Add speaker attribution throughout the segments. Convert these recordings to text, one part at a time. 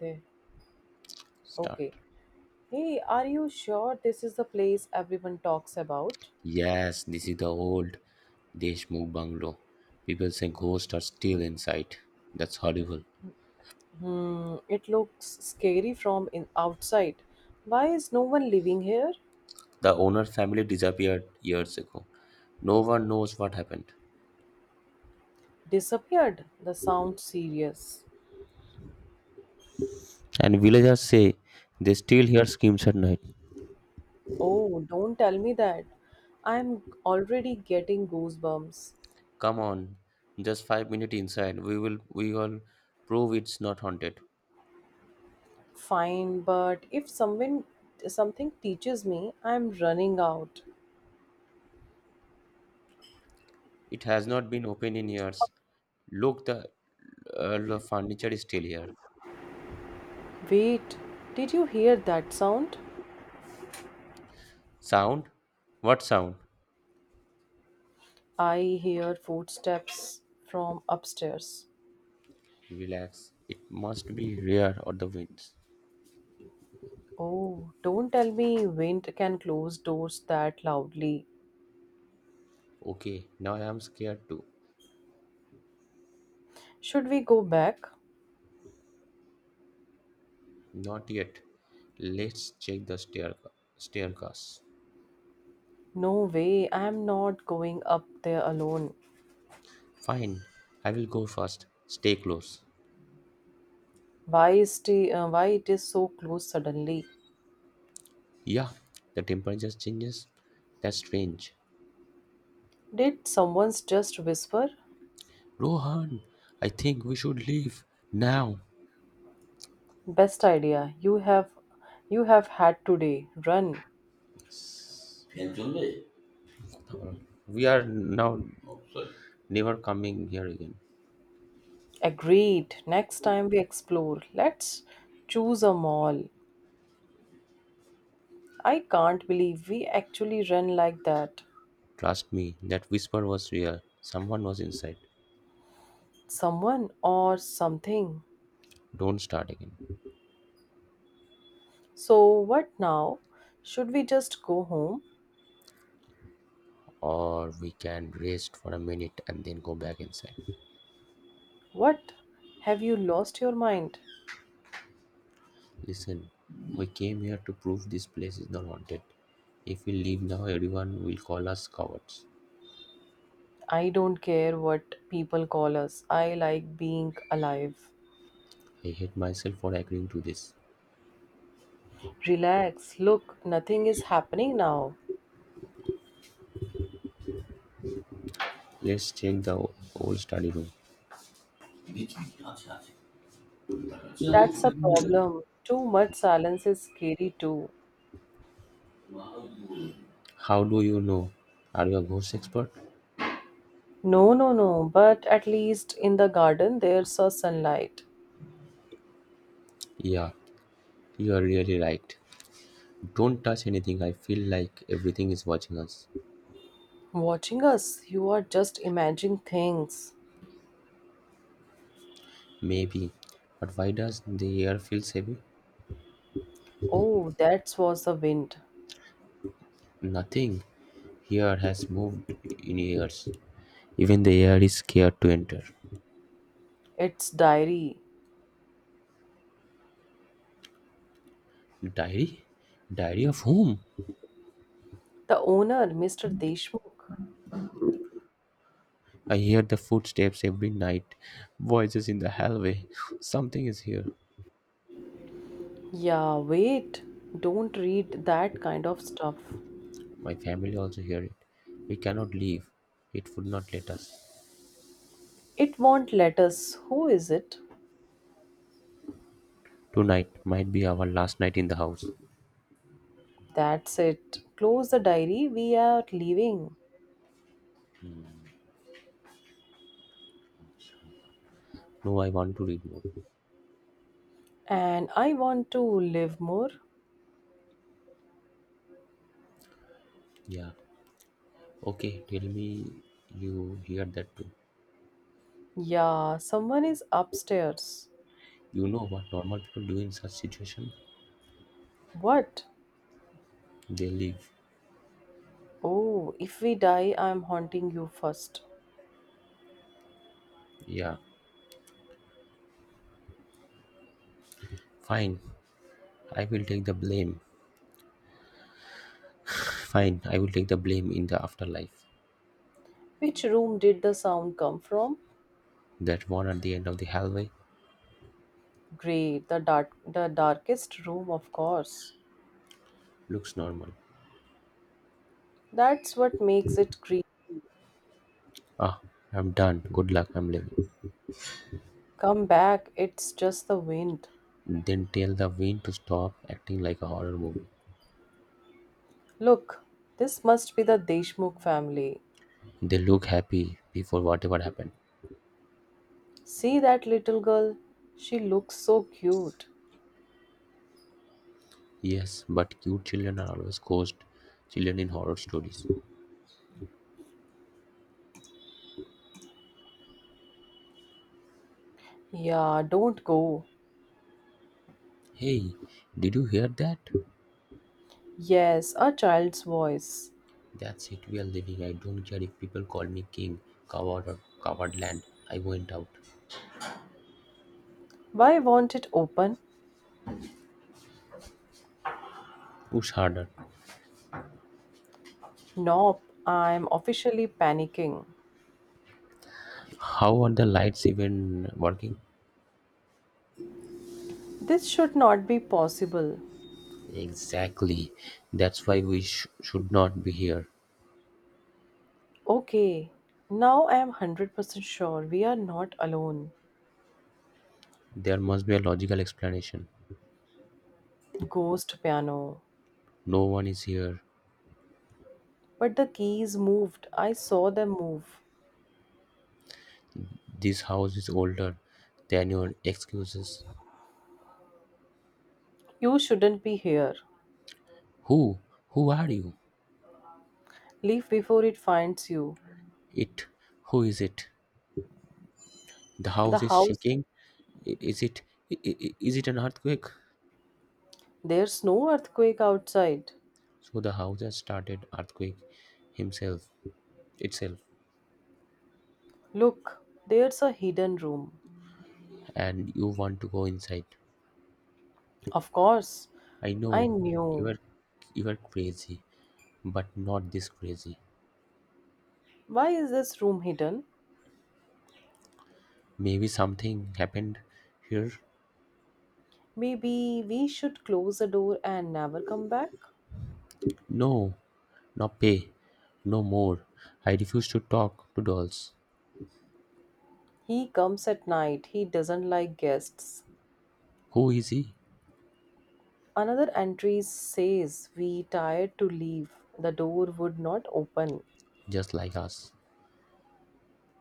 Speaker 1: There. Okay.
Speaker 2: Start.
Speaker 1: Hey, are you sure this is the place everyone talks about?
Speaker 2: Yes, this is the old Deshmukh bungalow. People say ghosts are still inside. That's horrible.
Speaker 1: Hmm, it looks scary from in outside. Why is no one living here?
Speaker 2: The owner family disappeared years ago. No one knows what happened.
Speaker 1: Disappeared. The sound serious.
Speaker 2: And villagers say they still hear screams at night.
Speaker 1: Oh, don't tell me that. I'm already getting goosebumps.
Speaker 2: Come on, just 5 minutes inside. We will prove it's not haunted.
Speaker 1: Fine, but if someone something teaches me, I'm running out.
Speaker 2: It has not been open in years. Look, the furniture is still here.
Speaker 1: Wait, did you hear that sound?
Speaker 2: Sound? What sound?
Speaker 1: I hear footsteps from upstairs.
Speaker 2: Relax. It must be rare or the winds.
Speaker 1: Oh, don't tell me wind can close doors that loudly.
Speaker 2: Okay, now I am scared too.
Speaker 1: Should we go back?
Speaker 2: Not yet. Let's check the staircase.
Speaker 1: No way, I am not going up there alone.
Speaker 2: Fine. I will go first. Stay close.
Speaker 1: Why is the, why it is so close suddenly?
Speaker 2: Yeah, the temperature changes. That's strange.
Speaker 1: Did someone just whisper?
Speaker 2: Rohan, I think we should leave now.
Speaker 1: Best idea. You have had today. Run.
Speaker 2: We are now never coming here again.
Speaker 1: Agreed. Next time we explore, let's choose a mall. I can't believe we actually ran like that.
Speaker 2: Trust me, that whisper was real. Someone was inside.
Speaker 1: Someone or something.
Speaker 2: Don't start again.
Speaker 1: So, what now? Should we just go home?
Speaker 2: Or we can rest for a minute and then go back inside.
Speaker 1: What? Have you lost your mind?
Speaker 2: Listen, we came here to prove this place is not haunted. If we leave now, everyone will call us cowards.
Speaker 1: I don't care what people call us. I like being alive.
Speaker 2: I hate myself for agreeing to this.
Speaker 1: Relax. Look, nothing is happening now.
Speaker 2: Let's check the old study room.
Speaker 1: That's a problem. Too much silence is scary too.
Speaker 2: How do you know? Are you a ghost expert?
Speaker 1: No, no, no. But at least in the garden there's a sunlight.
Speaker 2: Yeah, you are really right. Don't touch anything. I feel like everything is watching us.
Speaker 1: Watching us, you are just imagining things.
Speaker 2: Maybe. But why does the air feel heavy?
Speaker 1: Oh, that was the wind.
Speaker 2: Nothing here has moved in years. Even the air is scared to enter.
Speaker 1: It's diary.
Speaker 2: Diary? Diary of whom?
Speaker 1: The owner, Mr. Deshmukh.
Speaker 2: I hear the footsteps every night, voices in the hallway. Something is here.
Speaker 1: Yeah, wait. Don't read that kind of stuff.
Speaker 2: My family also hear it. We cannot leave. It would not let us.
Speaker 1: It won't let us. Who is it?
Speaker 2: Tonight might be our last night in the house.
Speaker 1: That's it. Close the diary. We are leaving.
Speaker 2: No, I want to read more.
Speaker 1: And I want to live more.
Speaker 2: Yeah. Okay, tell me you hear that too.
Speaker 1: Yeah, someone is upstairs.
Speaker 2: You know what normal people do in such situation?
Speaker 1: What?
Speaker 2: They leave.
Speaker 1: Oh, if we die, I'm haunting you first.
Speaker 2: Yeah. Fine, I will take the blame. Fine, I will take the blame in the afterlife.
Speaker 1: Which room did the sound come from?
Speaker 2: That one at the end of the hallway
Speaker 1: Great, the dark, the darkest room, of course.
Speaker 2: looks normal.
Speaker 1: That's what makes it creepy.
Speaker 2: Ah, I'm done. Good luck, I'm leaving.
Speaker 1: Come back, it's just the wind.
Speaker 2: Then tell the wind to stop acting like a horror movie.
Speaker 1: Look, this must be the Deshmukh family.
Speaker 2: They look happy before whatever happened.
Speaker 1: See that little girl? She looks so cute.
Speaker 2: Yes, but cute children are always ghost children in horror stories.
Speaker 1: Yeah, don't go.
Speaker 2: Hey, did you hear that?
Speaker 1: Yes, a child's voice.
Speaker 2: That's it, we are leaving. I don't care if people call me king, coward, or coward land. I went out.
Speaker 1: Why won't it open?
Speaker 2: Push harder.
Speaker 1: Nope, I'm officially panicking.
Speaker 2: How are the lights even working?
Speaker 1: This should not be possible.
Speaker 2: Exactly. That's why we should not be here.
Speaker 1: Okay, now I am 100% sure we are not alone.
Speaker 2: There must be a logical explanation.
Speaker 1: Ghost piano.
Speaker 2: No one is here.
Speaker 1: But the keys moved. I saw them move.
Speaker 2: This house is older than your excuses.
Speaker 1: You shouldn't be here.
Speaker 2: Who? Who are you?
Speaker 1: Leave before it finds you.
Speaker 2: It. Who is it? The
Speaker 1: The
Speaker 2: house is
Speaker 1: house,
Speaker 2: shaking. Is it? Is it an earthquake?
Speaker 1: there's no earthquake outside.
Speaker 2: So the house has started earthquake himself itself,
Speaker 1: Look, there's a hidden room.
Speaker 2: and you want to go inside.
Speaker 1: Of course,
Speaker 2: I
Speaker 1: I
Speaker 2: know you
Speaker 1: knew.
Speaker 2: are you are crazy, but not this crazy.
Speaker 1: Why is this room hidden?
Speaker 2: Maybe something happened here.
Speaker 1: Maybe we should close the door and never come back?
Speaker 2: No, no pay, no more. I refuse to talk to dolls.
Speaker 1: He comes at night. He doesn't like guests.
Speaker 2: Who is he?
Speaker 1: Another entry says we tired to leave. The door would not open.
Speaker 2: Just like us.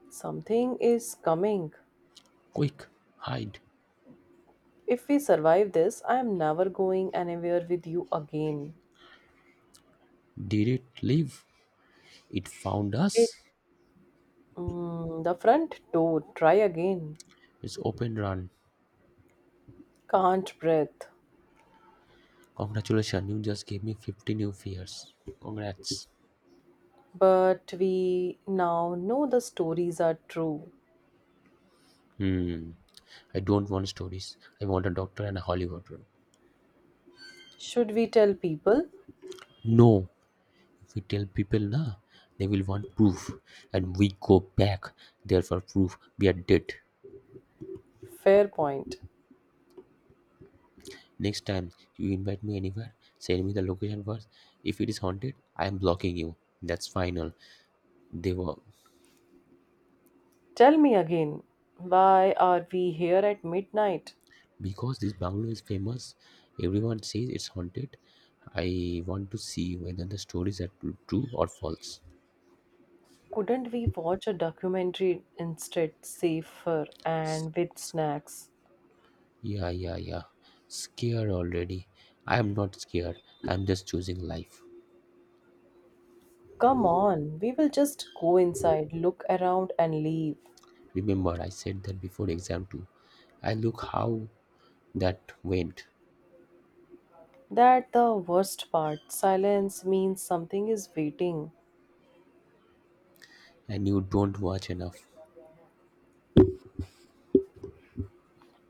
Speaker 1: Something is coming.
Speaker 2: Quick, hide.
Speaker 1: If we survive this, I am never going anywhere with you again.
Speaker 2: Did it leave? It found
Speaker 1: It,
Speaker 2: us.
Speaker 1: the front door, try again.
Speaker 2: It's open run.
Speaker 1: Can't breathe.
Speaker 2: Congratulations, you just gave me 50 new fears. Congrats.
Speaker 1: But we now know the stories are true.
Speaker 2: Hmm. I don't want stories. I want a doctor and a Hollywood room.
Speaker 1: Should we tell people?
Speaker 2: No, if we tell people, na, they will want proof, and we go back there for proof we are dead.
Speaker 1: Fair point.
Speaker 2: Next time you invite me anywhere, send me the location first. If it is haunted, I am blocking you. That's final. They were
Speaker 1: Tell me again, why are we here at midnight?
Speaker 2: because this bungalow is famous. Everyone says it's haunted. I want to see whether the stories are true or false.
Speaker 1: Couldn't we watch a documentary instead, safer and with
Speaker 2: S-
Speaker 1: snacks?
Speaker 2: yeah, yeah, yeah. Scared already. I am not scared. I'm just choosing life.
Speaker 1: Come on, we will just go inside, look around, and leave.
Speaker 2: Remember, I said that before exam too. I look how that went,
Speaker 1: That the worst part. Silence means something is waiting,
Speaker 2: and you don't watch enough.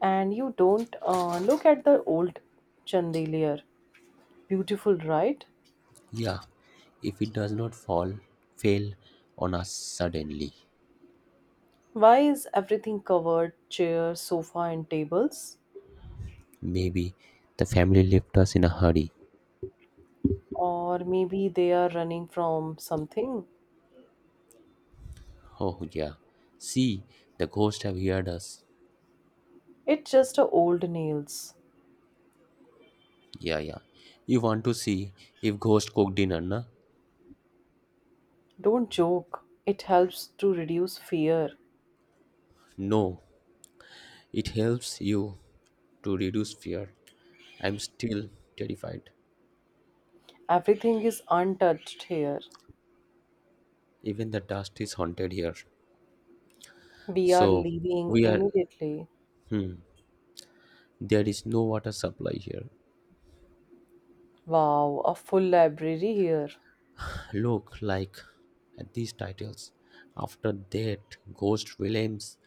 Speaker 1: and you don't look at the old chandelier. Beautiful, right?
Speaker 2: Yeah, if it does not fall, fail on us suddenly.
Speaker 1: Why is everything covered? Chair, sofa, and tables?
Speaker 2: Maybe the family left us in a hurry.
Speaker 1: Or maybe they are running from something.
Speaker 2: Oh yeah. See, the ghost have heard us.
Speaker 1: It's just a old nails.
Speaker 2: Yeah, yeah. You want to see if ghost cook dinner, na?
Speaker 1: Don't joke. It helps to reduce fear.
Speaker 2: No. It helps you to reduce fear. I'm still terrified.
Speaker 1: Everything is untouched here.
Speaker 2: Even the dust is haunted here.
Speaker 1: We are
Speaker 2: So
Speaker 1: leaving
Speaker 2: we are,
Speaker 1: immediately.
Speaker 2: hmm, there is no water supply here.
Speaker 1: Wow, a full library here.
Speaker 2: Look, like at these titles, after that, Ghost William's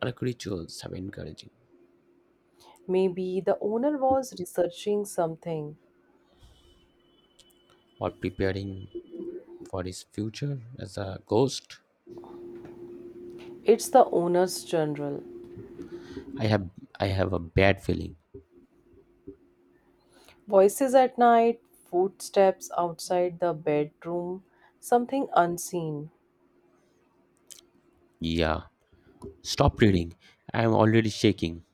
Speaker 2: dark rituals have encouraging
Speaker 1: Maybe the owner was researching something.
Speaker 2: or preparing for his future as a ghost.
Speaker 1: It's the owner's journal.
Speaker 2: I have, I have a bad feeling.
Speaker 1: Voices at night, footsteps outside the bedroom, something unseen.
Speaker 2: Yeah. Stop reading. I am already shaking.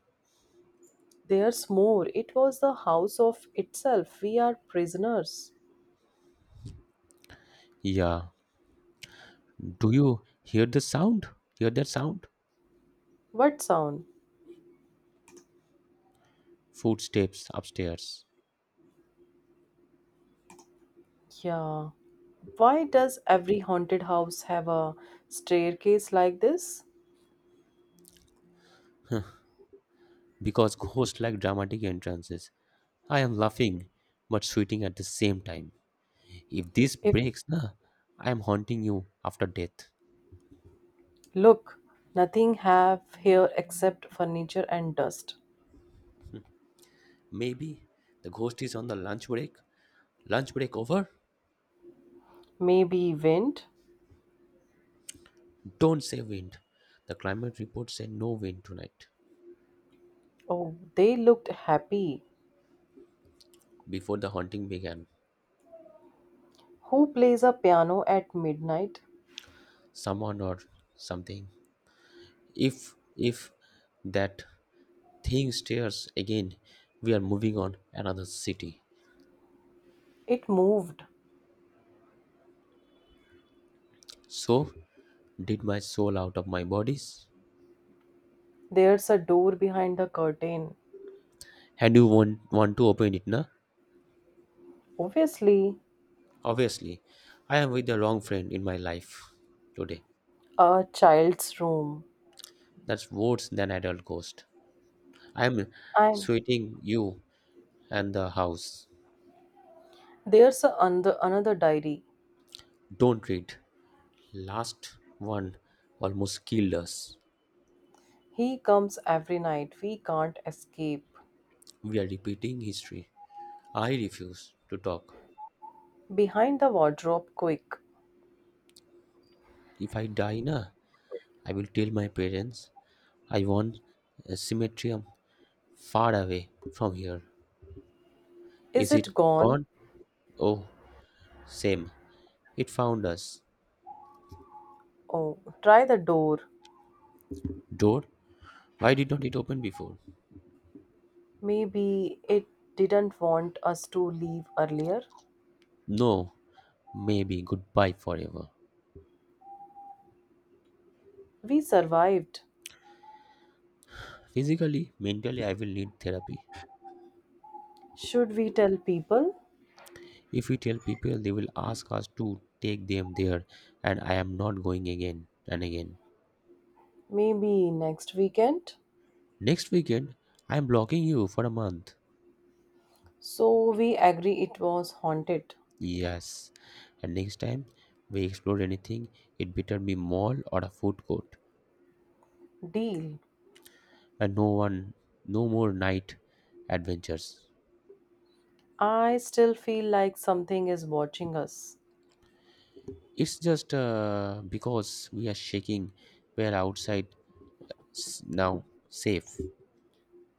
Speaker 1: There's more. It was the house of itself. We are prisoners.
Speaker 2: Yeah. Do you hear the sound? Hear that sound?
Speaker 1: What sound?
Speaker 2: Footsteps upstairs.
Speaker 1: Yeah. Why does every haunted house have a staircase like this?
Speaker 2: Because ghosts like dramatic entrances. I am laughing but sweating at the same time. If this
Speaker 1: If
Speaker 2: breaks, nah, I am haunting you after death.
Speaker 1: look, nothing have here except furniture and dust.
Speaker 2: Maybe the ghost is on the lunch break. Lunch break over?
Speaker 1: Maybe wind?
Speaker 2: Don't say wind. The climate report said no wind tonight.
Speaker 1: Oh, they looked happy.
Speaker 2: Before the haunting began,
Speaker 1: Who plays a piano at midnight?
Speaker 2: someone or something. If that thing stares again, we are moving on another city.
Speaker 1: It moved.
Speaker 2: So did my soul out of my bodies.
Speaker 1: There's a door behind the curtain.
Speaker 2: And you want to open it, na?
Speaker 1: Obviously,
Speaker 2: Obviously, I am with the wrong friend in my life today.
Speaker 1: a child's room.
Speaker 2: That's worse than adult ghost. I am
Speaker 1: And
Speaker 2: sweating you and the house.
Speaker 1: there's a another, another diary.
Speaker 2: Don't read. Last one almost killed us.
Speaker 1: He comes every night. We can't escape.
Speaker 2: We are repeating history. I refuse to talk.
Speaker 1: Behind the wardrobe, quick.
Speaker 2: If I die, na, I will tell my parents I want a cemetery far away from here.
Speaker 1: Is
Speaker 2: Is it
Speaker 1: it gone?
Speaker 2: gone? Oh, same. It found us.
Speaker 1: Oh, try the door.
Speaker 2: Door? Why did not it open before?
Speaker 1: Maybe it didn't want us to leave earlier.
Speaker 2: No, maybe goodbye forever.
Speaker 1: We survived.
Speaker 2: Physically, mentally, I will need therapy.
Speaker 1: Should we tell people?
Speaker 2: If we tell people, they will ask us to take them there, and I am not going again and again.
Speaker 1: Maybe next weekend?
Speaker 2: Next weekend, I am blocking you for a month.
Speaker 1: So we agree it was haunted.
Speaker 2: Yes, and next time we explore anything, it better be mall or a food court.
Speaker 1: Deal.
Speaker 2: And no one, no more night adventures.
Speaker 1: I still feel like something is watching us.
Speaker 2: It's just because we are shaking. We're outside. Now safe.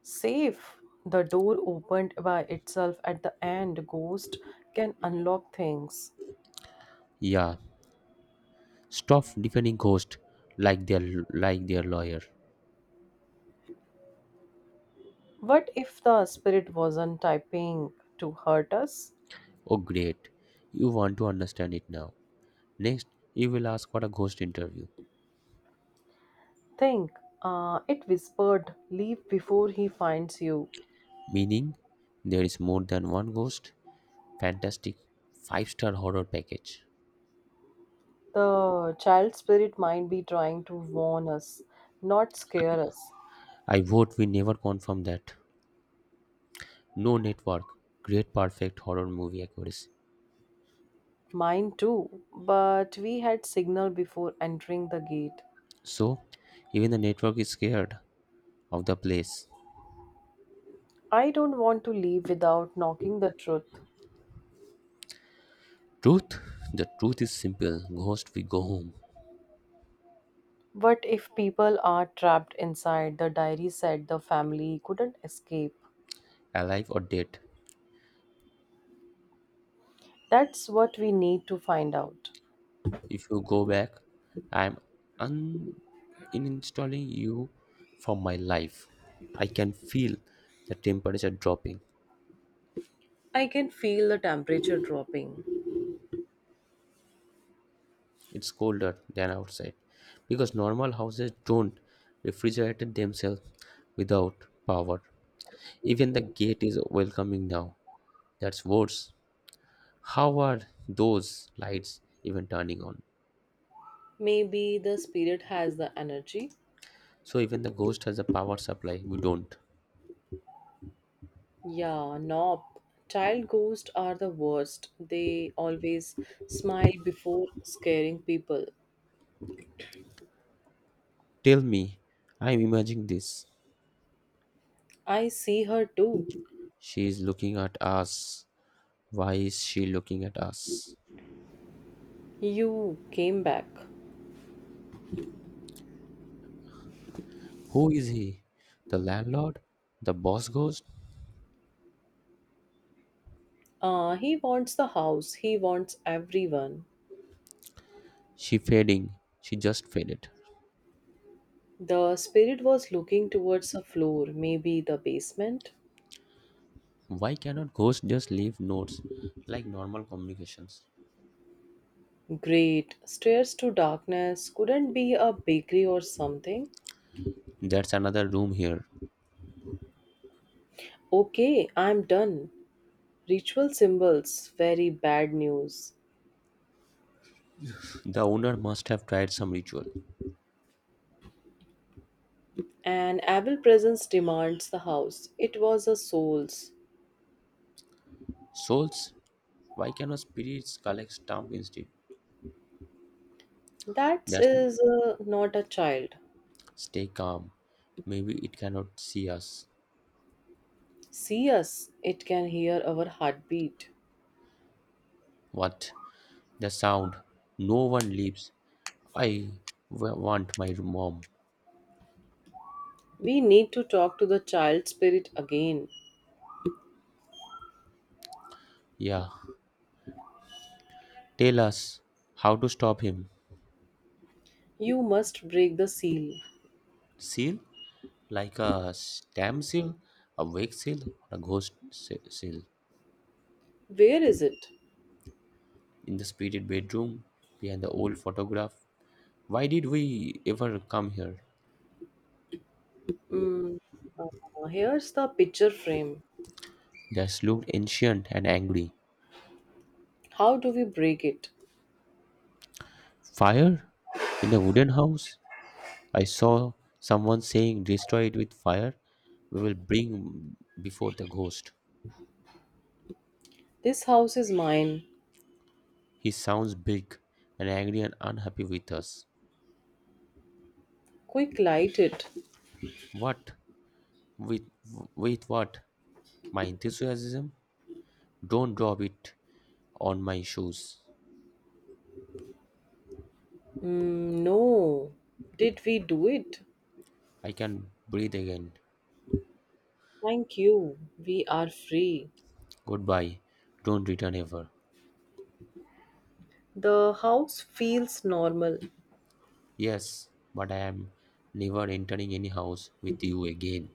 Speaker 1: Safe. The door opened by itself at the end. Ghost can unlock things.
Speaker 2: Yeah, stop defending ghost like their lawyer.
Speaker 1: What if the spirit wasn't typing to hurt us?
Speaker 2: Oh great, you want to understand it now. Next you will ask for a ghost interview.
Speaker 1: Think. It whispered, Leave before he finds you.
Speaker 2: Meaning there is more than one ghost. Fantastic five-star horror package.
Speaker 1: The child spirit might be trying to warn us, not scare us.
Speaker 2: I vote we never confirm that. No network. Great, perfect horror movie accuracy.
Speaker 1: Mine too, but we had signal before entering the gate.
Speaker 2: So even the network is scared of the place.
Speaker 1: I don't want to leave without knocking the truth.
Speaker 2: Truth? The truth is simple. Ghost, we go home,
Speaker 1: What if people are trapped inside? The diary said the family couldn't escape.
Speaker 2: alive or dead.
Speaker 1: That's what we need to find out.
Speaker 2: If you go back, I'm un- uninstalling you from my life. I can feel the temperature dropping.
Speaker 1: I can feel the temperature dropping.
Speaker 2: It's colder than outside because normal houses don't refrigerate themselves without power. Even the gate is welcoming now. That's worse. How are those lights even turning on?
Speaker 1: Maybe the spirit has the energy.
Speaker 2: So even the ghost has a power supply, we don't.
Speaker 1: Yeah, nope. Child ghosts are the worst. They always smile before scaring people.
Speaker 2: Tell me, I'm imagining this.
Speaker 1: I see her too.
Speaker 2: She is looking at us. Why is she looking at us?
Speaker 1: You came back.
Speaker 2: Who is he? The landlord? The boss ghost?
Speaker 1: He wants the house, he wants everyone.
Speaker 2: She fading. She just faded.
Speaker 1: The spirit was looking towards a floor, maybe the basement.
Speaker 2: Why cannot ghosts just leave notes like normal communications?
Speaker 1: Great. Stairs to darkness. Couldn't be a bakery or something.
Speaker 2: That's another room here.
Speaker 1: Okay, I'm done. Ritual symbols, very bad news.
Speaker 2: The owner must have tried some ritual.
Speaker 1: An evil presence demands the house. It was a soul's.
Speaker 2: Souls? Why cannot spirits collect stamp instead?
Speaker 1: That
Speaker 2: That's
Speaker 1: is not a child.
Speaker 2: stay calm. Maybe it cannot see us.
Speaker 1: See us, it can hear our heartbeat.
Speaker 2: What? The sound. No one leaves. I want my mom.
Speaker 1: We need to talk to the child spirit again.
Speaker 2: Yeah. Tell us how to stop him.
Speaker 1: You must break the seal.
Speaker 2: Seal? Like a stamp seal, a wake seal, or a ghost seal.
Speaker 1: Where is it?
Speaker 2: In the spirited bedroom, behind the old photograph. Why did we ever come here?
Speaker 1: Mm, Here's the picture frame.
Speaker 2: That looked ancient and angry.
Speaker 1: How do we break it?
Speaker 2: Fire? In the wooden house? I saw someone saying, Destroy it with fire. We will bring before the ghost.
Speaker 1: This house is mine.
Speaker 2: He sounds big and angry and unhappy with us.
Speaker 1: Quick, light it.
Speaker 2: What? With, with what? My enthusiasm? Don't drop it on my shoes.
Speaker 1: Mm, no. Did we do it?
Speaker 2: I can breathe again.
Speaker 1: Thank you. We are free.
Speaker 2: Goodbye. Don't return ever.
Speaker 1: The house feels normal.
Speaker 2: Yes, but I am never entering any house with you again.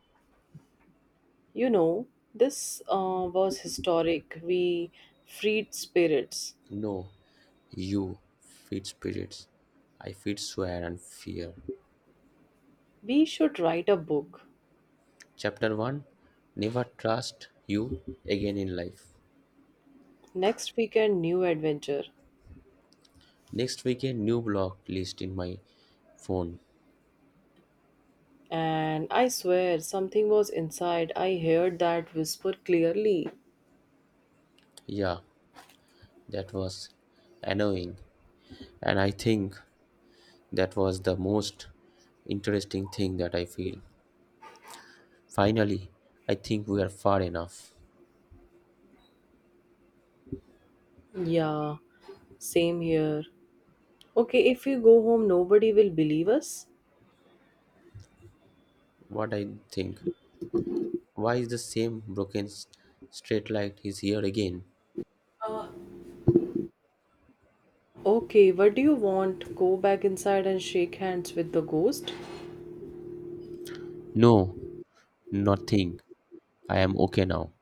Speaker 1: You know, this was historic. We freed spirits.
Speaker 2: No, you, feed spirits. I feed swear and fear.
Speaker 1: We should write a book.
Speaker 2: Chapter 1 Never Trust You Again in Life.
Speaker 1: Next weekend, new adventure.
Speaker 2: Next week, a new block list in my phone.
Speaker 1: And I swear, something was inside. I heard that whisper clearly.
Speaker 2: Yeah, that was annoying. And I think that was the most interesting thing that I feel. Finally, I think we are far enough.
Speaker 1: Yeah, same here. Okay, if we go home, nobody will believe us.
Speaker 2: What I think. Why is the same broken straight light is here again?
Speaker 1: Uh, okay, what do you want? Go back inside and shake hands with the ghost?
Speaker 2: No, nothing. I am okay now.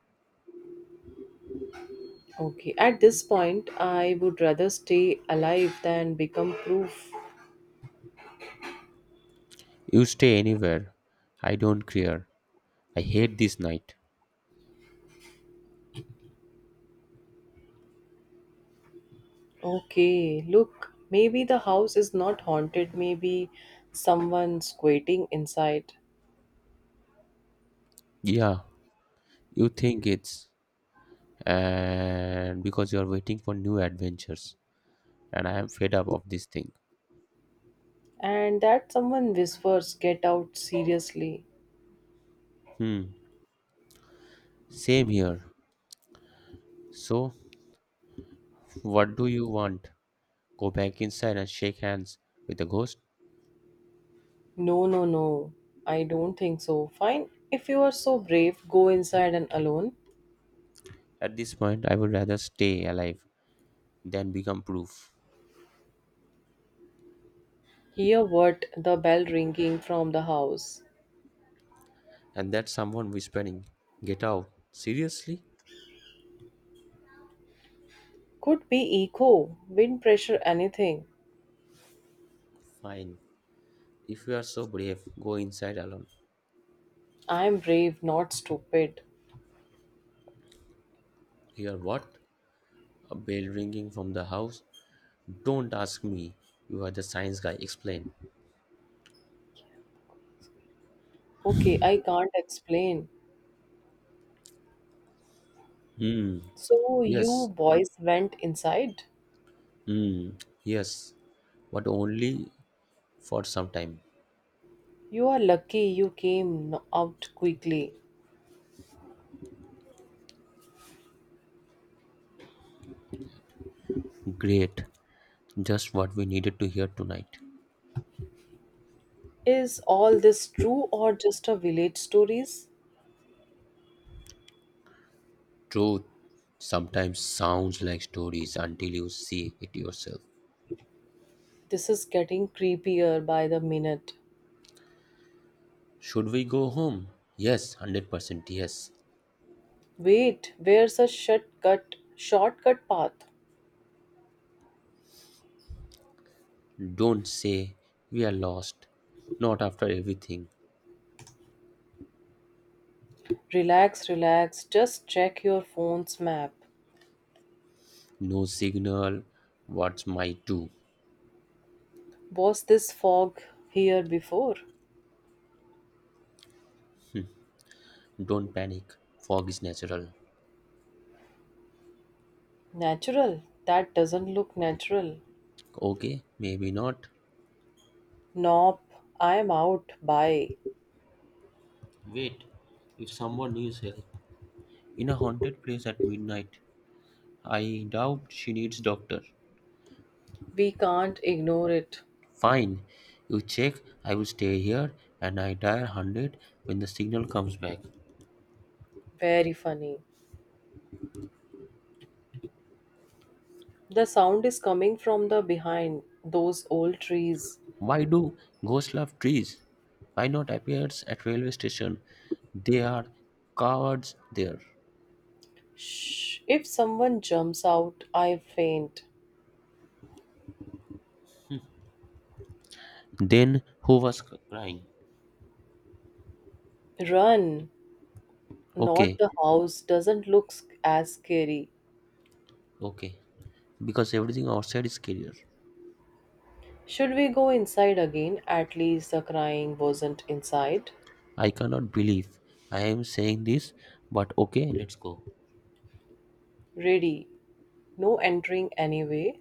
Speaker 1: Okay, at this point, I would rather stay alive than become proof.
Speaker 2: You stay anywhere. I don't care. I hate this night.
Speaker 1: Okay, look, maybe the house is not haunted, maybe someone's waiting inside.
Speaker 2: Yeah, you think it's and because you're waiting for new adventures and I am fed up of this thing.
Speaker 1: And that someone whispers, Get out seriously.
Speaker 2: Hmm. Same here. So, what do you want? Go back inside and shake hands with the ghost?
Speaker 1: No, no, no. I don't think so. Fine. If you are so brave, go inside and alone.
Speaker 2: At this point, I would rather stay alive than become proof.
Speaker 1: Hear what the bell ringing from the house.
Speaker 2: And that's someone whispering, Get out. Seriously?
Speaker 1: Could be echo, wind pressure, anything.
Speaker 2: Fine. If you are so brave, go inside alone.
Speaker 1: I am brave, not stupid.
Speaker 2: Hear what? A bell ringing from the house? Don't ask me. You are the science guy. Explain.
Speaker 1: Okay, I can't explain.
Speaker 2: Hmm.
Speaker 1: So,
Speaker 2: Yes.
Speaker 1: you boys went inside?
Speaker 2: Hmm. Yes. But only for some time.
Speaker 1: You are lucky you came n- out quickly.
Speaker 2: Great. Just what we needed to hear tonight.
Speaker 1: Is all this true or just a village stories?
Speaker 2: Truth sometimes sounds like stories until you see it yourself.
Speaker 1: This is getting creepier by the minute.
Speaker 2: Should we go home? Yes, 100% yes.
Speaker 1: Wait, where's a shortcut path?
Speaker 2: Don't say we are lost. Not after everything.
Speaker 1: Relax, relax, just check your phone's map.
Speaker 2: No signal. What's my do?
Speaker 1: Was this fog here before?
Speaker 2: Don't panic. Fog is natural.
Speaker 1: Natural. That doesn't look natural.
Speaker 2: Okay, maybe not.
Speaker 1: Nope, I'm out. Bye.
Speaker 2: Wait, if someone needs help, in a haunted place at midnight. I doubt she needs doctor.
Speaker 1: We can't ignore it.
Speaker 2: Fine. You check. I will stay here and I dial 100 when the signal comes back.
Speaker 1: Very funny. The sound is coming from the behind those old trees.
Speaker 2: Why do ghosts love trees? Why not appears at railway station? They are cowards there.
Speaker 1: Shh. If someone jumps out, I faint.
Speaker 2: Then who was crying?
Speaker 1: Run. Not
Speaker 2: Okay,
Speaker 1: the house doesn't look sc- as scary.
Speaker 2: okay. Because everything outside is scarier.
Speaker 1: Should we go inside again? At least the crying wasn't inside.
Speaker 2: I cannot believe I am saying this, but okay, let's go.
Speaker 1: Ready. No entering anyway.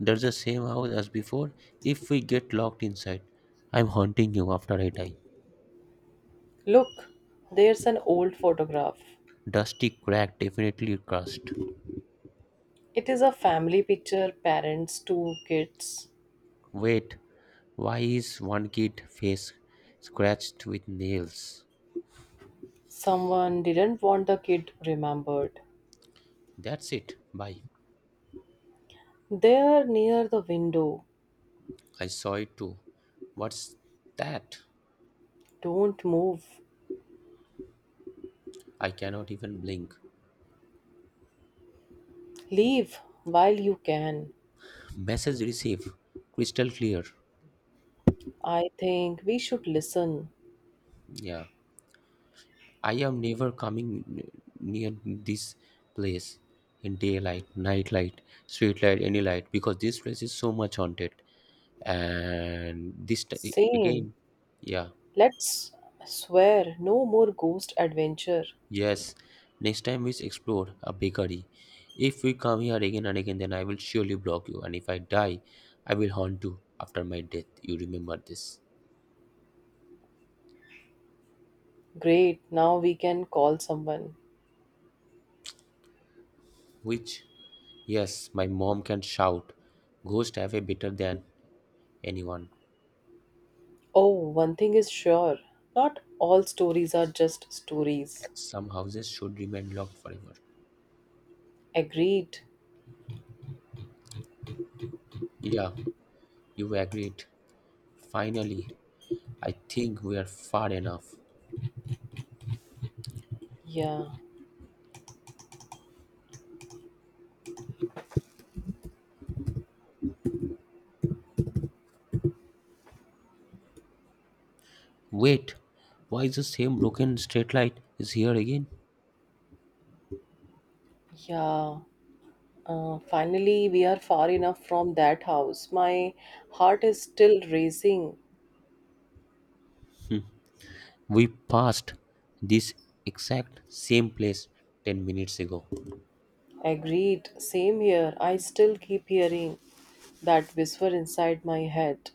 Speaker 2: There's the same house as before. If we get locked inside, I'm haunting you after I die.
Speaker 1: Look, there's an old photograph.
Speaker 2: Dusty crack definitely crushed.
Speaker 1: It is a family picture, parents, two kids.
Speaker 2: Wait, why is one kid face scratched with nails?
Speaker 1: Someone didn't want the kid remembered.
Speaker 2: That's it. Bye.
Speaker 1: There near the window.
Speaker 2: I saw it too. What's that?
Speaker 1: Don't move.
Speaker 2: I cannot even blink.
Speaker 1: Leave while you can.
Speaker 2: Message received. Crystal clear.
Speaker 1: I think we should listen.
Speaker 2: Yeah. I am never coming near this place in daylight, night light, street light, any light because this place is so much haunted. And this
Speaker 1: Same.
Speaker 2: again, yeah,
Speaker 1: Let's swear no more ghost adventure.
Speaker 2: yes. Next time we explore a bakery. If we come here again and again, then I will surely block you. And if I die, I will haunt you after my death. You remember this.
Speaker 1: Great, now we can call someone.
Speaker 2: Which, yes, my mom can shout, Ghost have a better than anyone.
Speaker 1: Oh, one thing is sure, not all stories are just stories.
Speaker 2: Some houses should remain locked forever.
Speaker 1: Agreed.
Speaker 2: Yeah, you agreed. Finally, I think we are far enough.
Speaker 1: Yeah,
Speaker 2: Wait, why is the same broken straight light is here again?
Speaker 1: yeah. Finally, we are far enough from that house. My heart is still racing.
Speaker 2: We passed this exact same place 10 minutes ago.
Speaker 1: Agreed. Same here. I still keep hearing that whisper inside my head.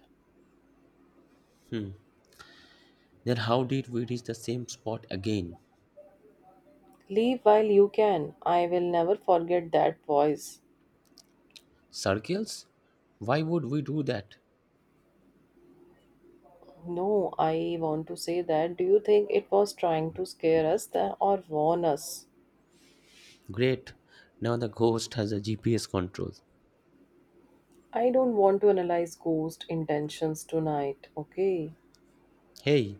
Speaker 2: Then how did we reach the same spot again?
Speaker 1: Leave while you can. I will never forget that voice.
Speaker 2: Circles? Why would we do that?
Speaker 1: No, I want to say that. Do you think it was trying to scare us tha- or warn us?
Speaker 2: Great. Now the ghost has a GPS control.
Speaker 1: I don't want to analyze ghost intentions tonight, okay?
Speaker 2: Hey,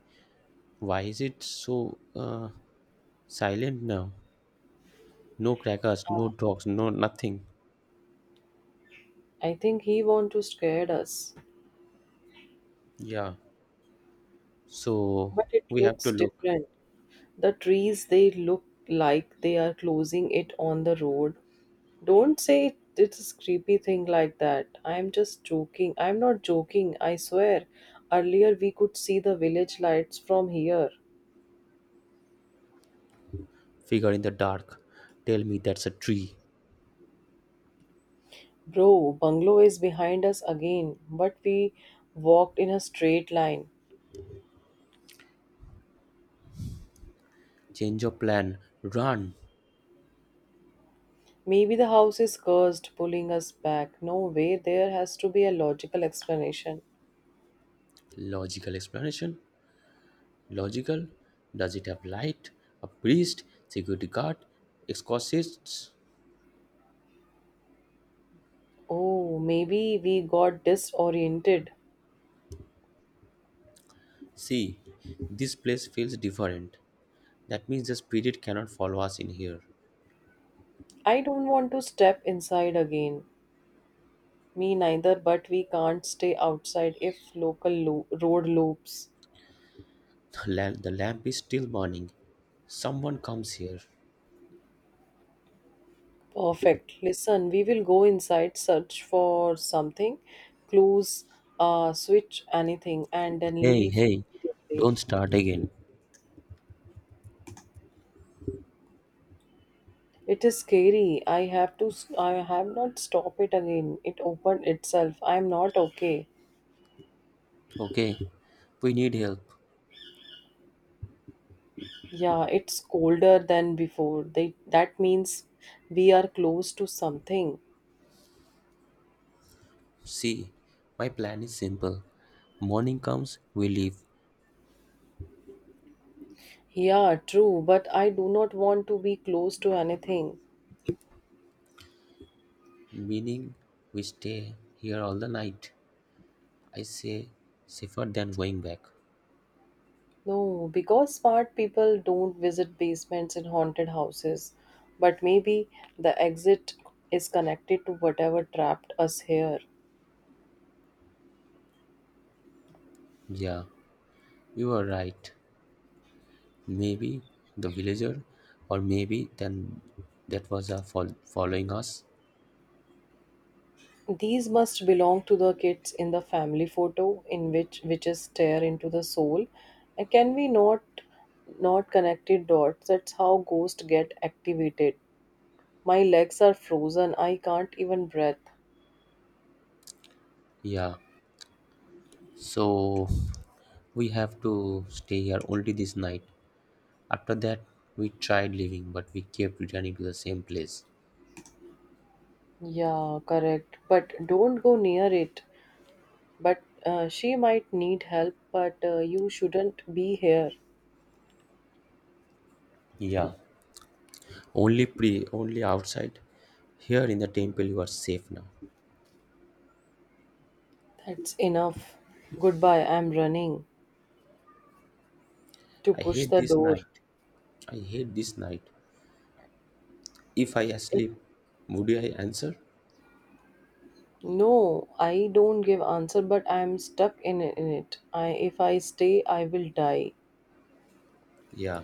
Speaker 2: why is it so silent now? No crackers, no dogs, no nothing.
Speaker 1: I think he want to scare us,
Speaker 2: Yeah. So
Speaker 1: but it
Speaker 2: we have
Speaker 1: looks
Speaker 2: to look.
Speaker 1: different. The trees they look like they are closing it on the road. Don't say it, it's a creepy thing like that. I'm just joking. I'm not joking, I swear. Earlier we could see the village lights from here.
Speaker 2: Figure in the dark. Tell me that's a tree.
Speaker 1: Bro, bungalow is behind us again, but we walked in a straight line.
Speaker 2: Change your plan. Run.
Speaker 1: Maybe the house is cursed, pulling us back. No way, there has to be a logical explanation.
Speaker 2: Logical explanation. Logical. Does it have light? A priest? Security guard? Exorcists?
Speaker 1: Oh, maybe we got disoriented.
Speaker 2: See, this place feels different. That means the spirit cannot follow us in here.
Speaker 1: I don't want to step inside again. Me neither, but we can't stay outside if local lo- road loops.
Speaker 2: The lamp is still burning. Someone comes here.
Speaker 1: Perfect. Listen, we will go inside, search for something, close, switch anything, and then
Speaker 2: Hey,
Speaker 1: leave
Speaker 2: hey,
Speaker 1: immediately.
Speaker 2: don't start again.
Speaker 1: It is scary. I have to. S- I have not stop it again. It opened itself. I am not okay.
Speaker 2: Okay, we need help.
Speaker 1: Yeah, it's colder than before. They, that means we are close to something.
Speaker 2: See, my plan is simple. Morning comes, we leave,
Speaker 1: Yeah, true. But I do not want to be close to anything.
Speaker 2: meaning we stay here all the night. I say, safer than going back.
Speaker 1: No, because smart people don't visit basements in haunted houses, but maybe the exit is connected to whatever trapped us here.
Speaker 2: Yeah, you were right. Maybe the villager, or maybe then that was a following us.
Speaker 1: These must belong to the kids in the family photo in which witches stare into the soul. And can we not connected dots? That's how ghosts get activated. My legs are frozen. I can't even breathe.
Speaker 2: Yeah, so we have to stay here only this night. After that, we tried leaving, but we kept returning to the same place.
Speaker 1: Yeah, correct. But don't go near it. But she might need help, but you shouldn't be here.
Speaker 2: Yeah. Only pray, only outside. Here in the temple you are safe now.
Speaker 1: That's enough. Goodbye, I'm running to
Speaker 2: I
Speaker 1: push
Speaker 2: hate
Speaker 1: the
Speaker 2: this
Speaker 1: door.
Speaker 2: night. I hate this night. If I
Speaker 1: It,
Speaker 2: asleep, would I answer?
Speaker 1: no, I don't give answer, but I'm stuck in it. I, if I stay, I will die.
Speaker 2: Yeah,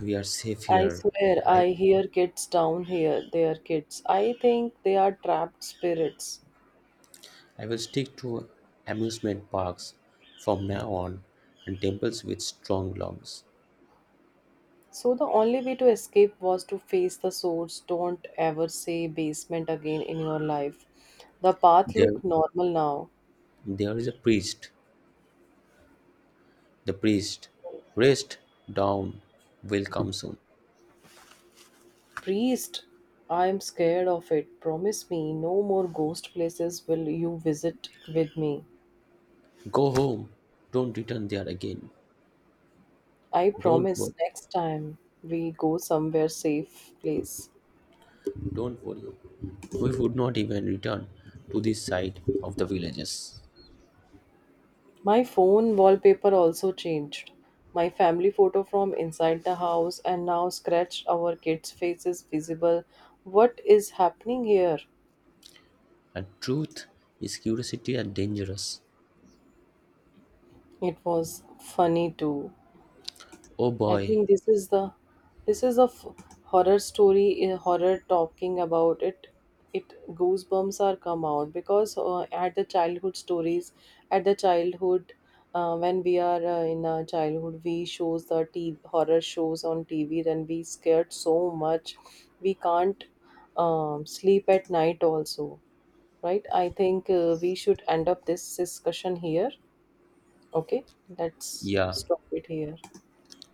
Speaker 2: we are safe
Speaker 1: I
Speaker 2: here,
Speaker 1: swear,
Speaker 2: right?
Speaker 1: I hear kids down here. They are kids. I think they are trapped spirits.
Speaker 2: I will stick to amusement parks from now on and temples with strong lungs.
Speaker 1: So the only way to escape was to face the source. Don't ever say basement again in your life. The path
Speaker 2: There,
Speaker 1: look normal now.
Speaker 2: there is a priest. The priest, rest down, will come soon.
Speaker 1: Priest, I am scared of it. Promise me no more ghost places will you visit with me.
Speaker 2: Go home. Don't return there again.
Speaker 1: I
Speaker 2: Don't
Speaker 1: promise
Speaker 2: worry.
Speaker 1: next time we go somewhere safe place.
Speaker 2: Don't worry, we would not even return to this side of the villages.
Speaker 1: My phone wallpaper also changed. My family photo from inside the house and now scratched our kids' faces visible. What is happening here?
Speaker 2: And truth is curiosity and dangerous.
Speaker 1: It was funny too.
Speaker 2: Oh
Speaker 1: I
Speaker 2: boy,
Speaker 1: think this is the this is a f- horror story, a horror talking about it, it goosebumps are come out because at the childhood stories, at the childhood when we are in our childhood we shows the t- horror shows on TV, then we scared so much we can't sleep at night also, right? I think we should end up this discussion here. Okay, let's
Speaker 2: yeah,
Speaker 1: stop it here.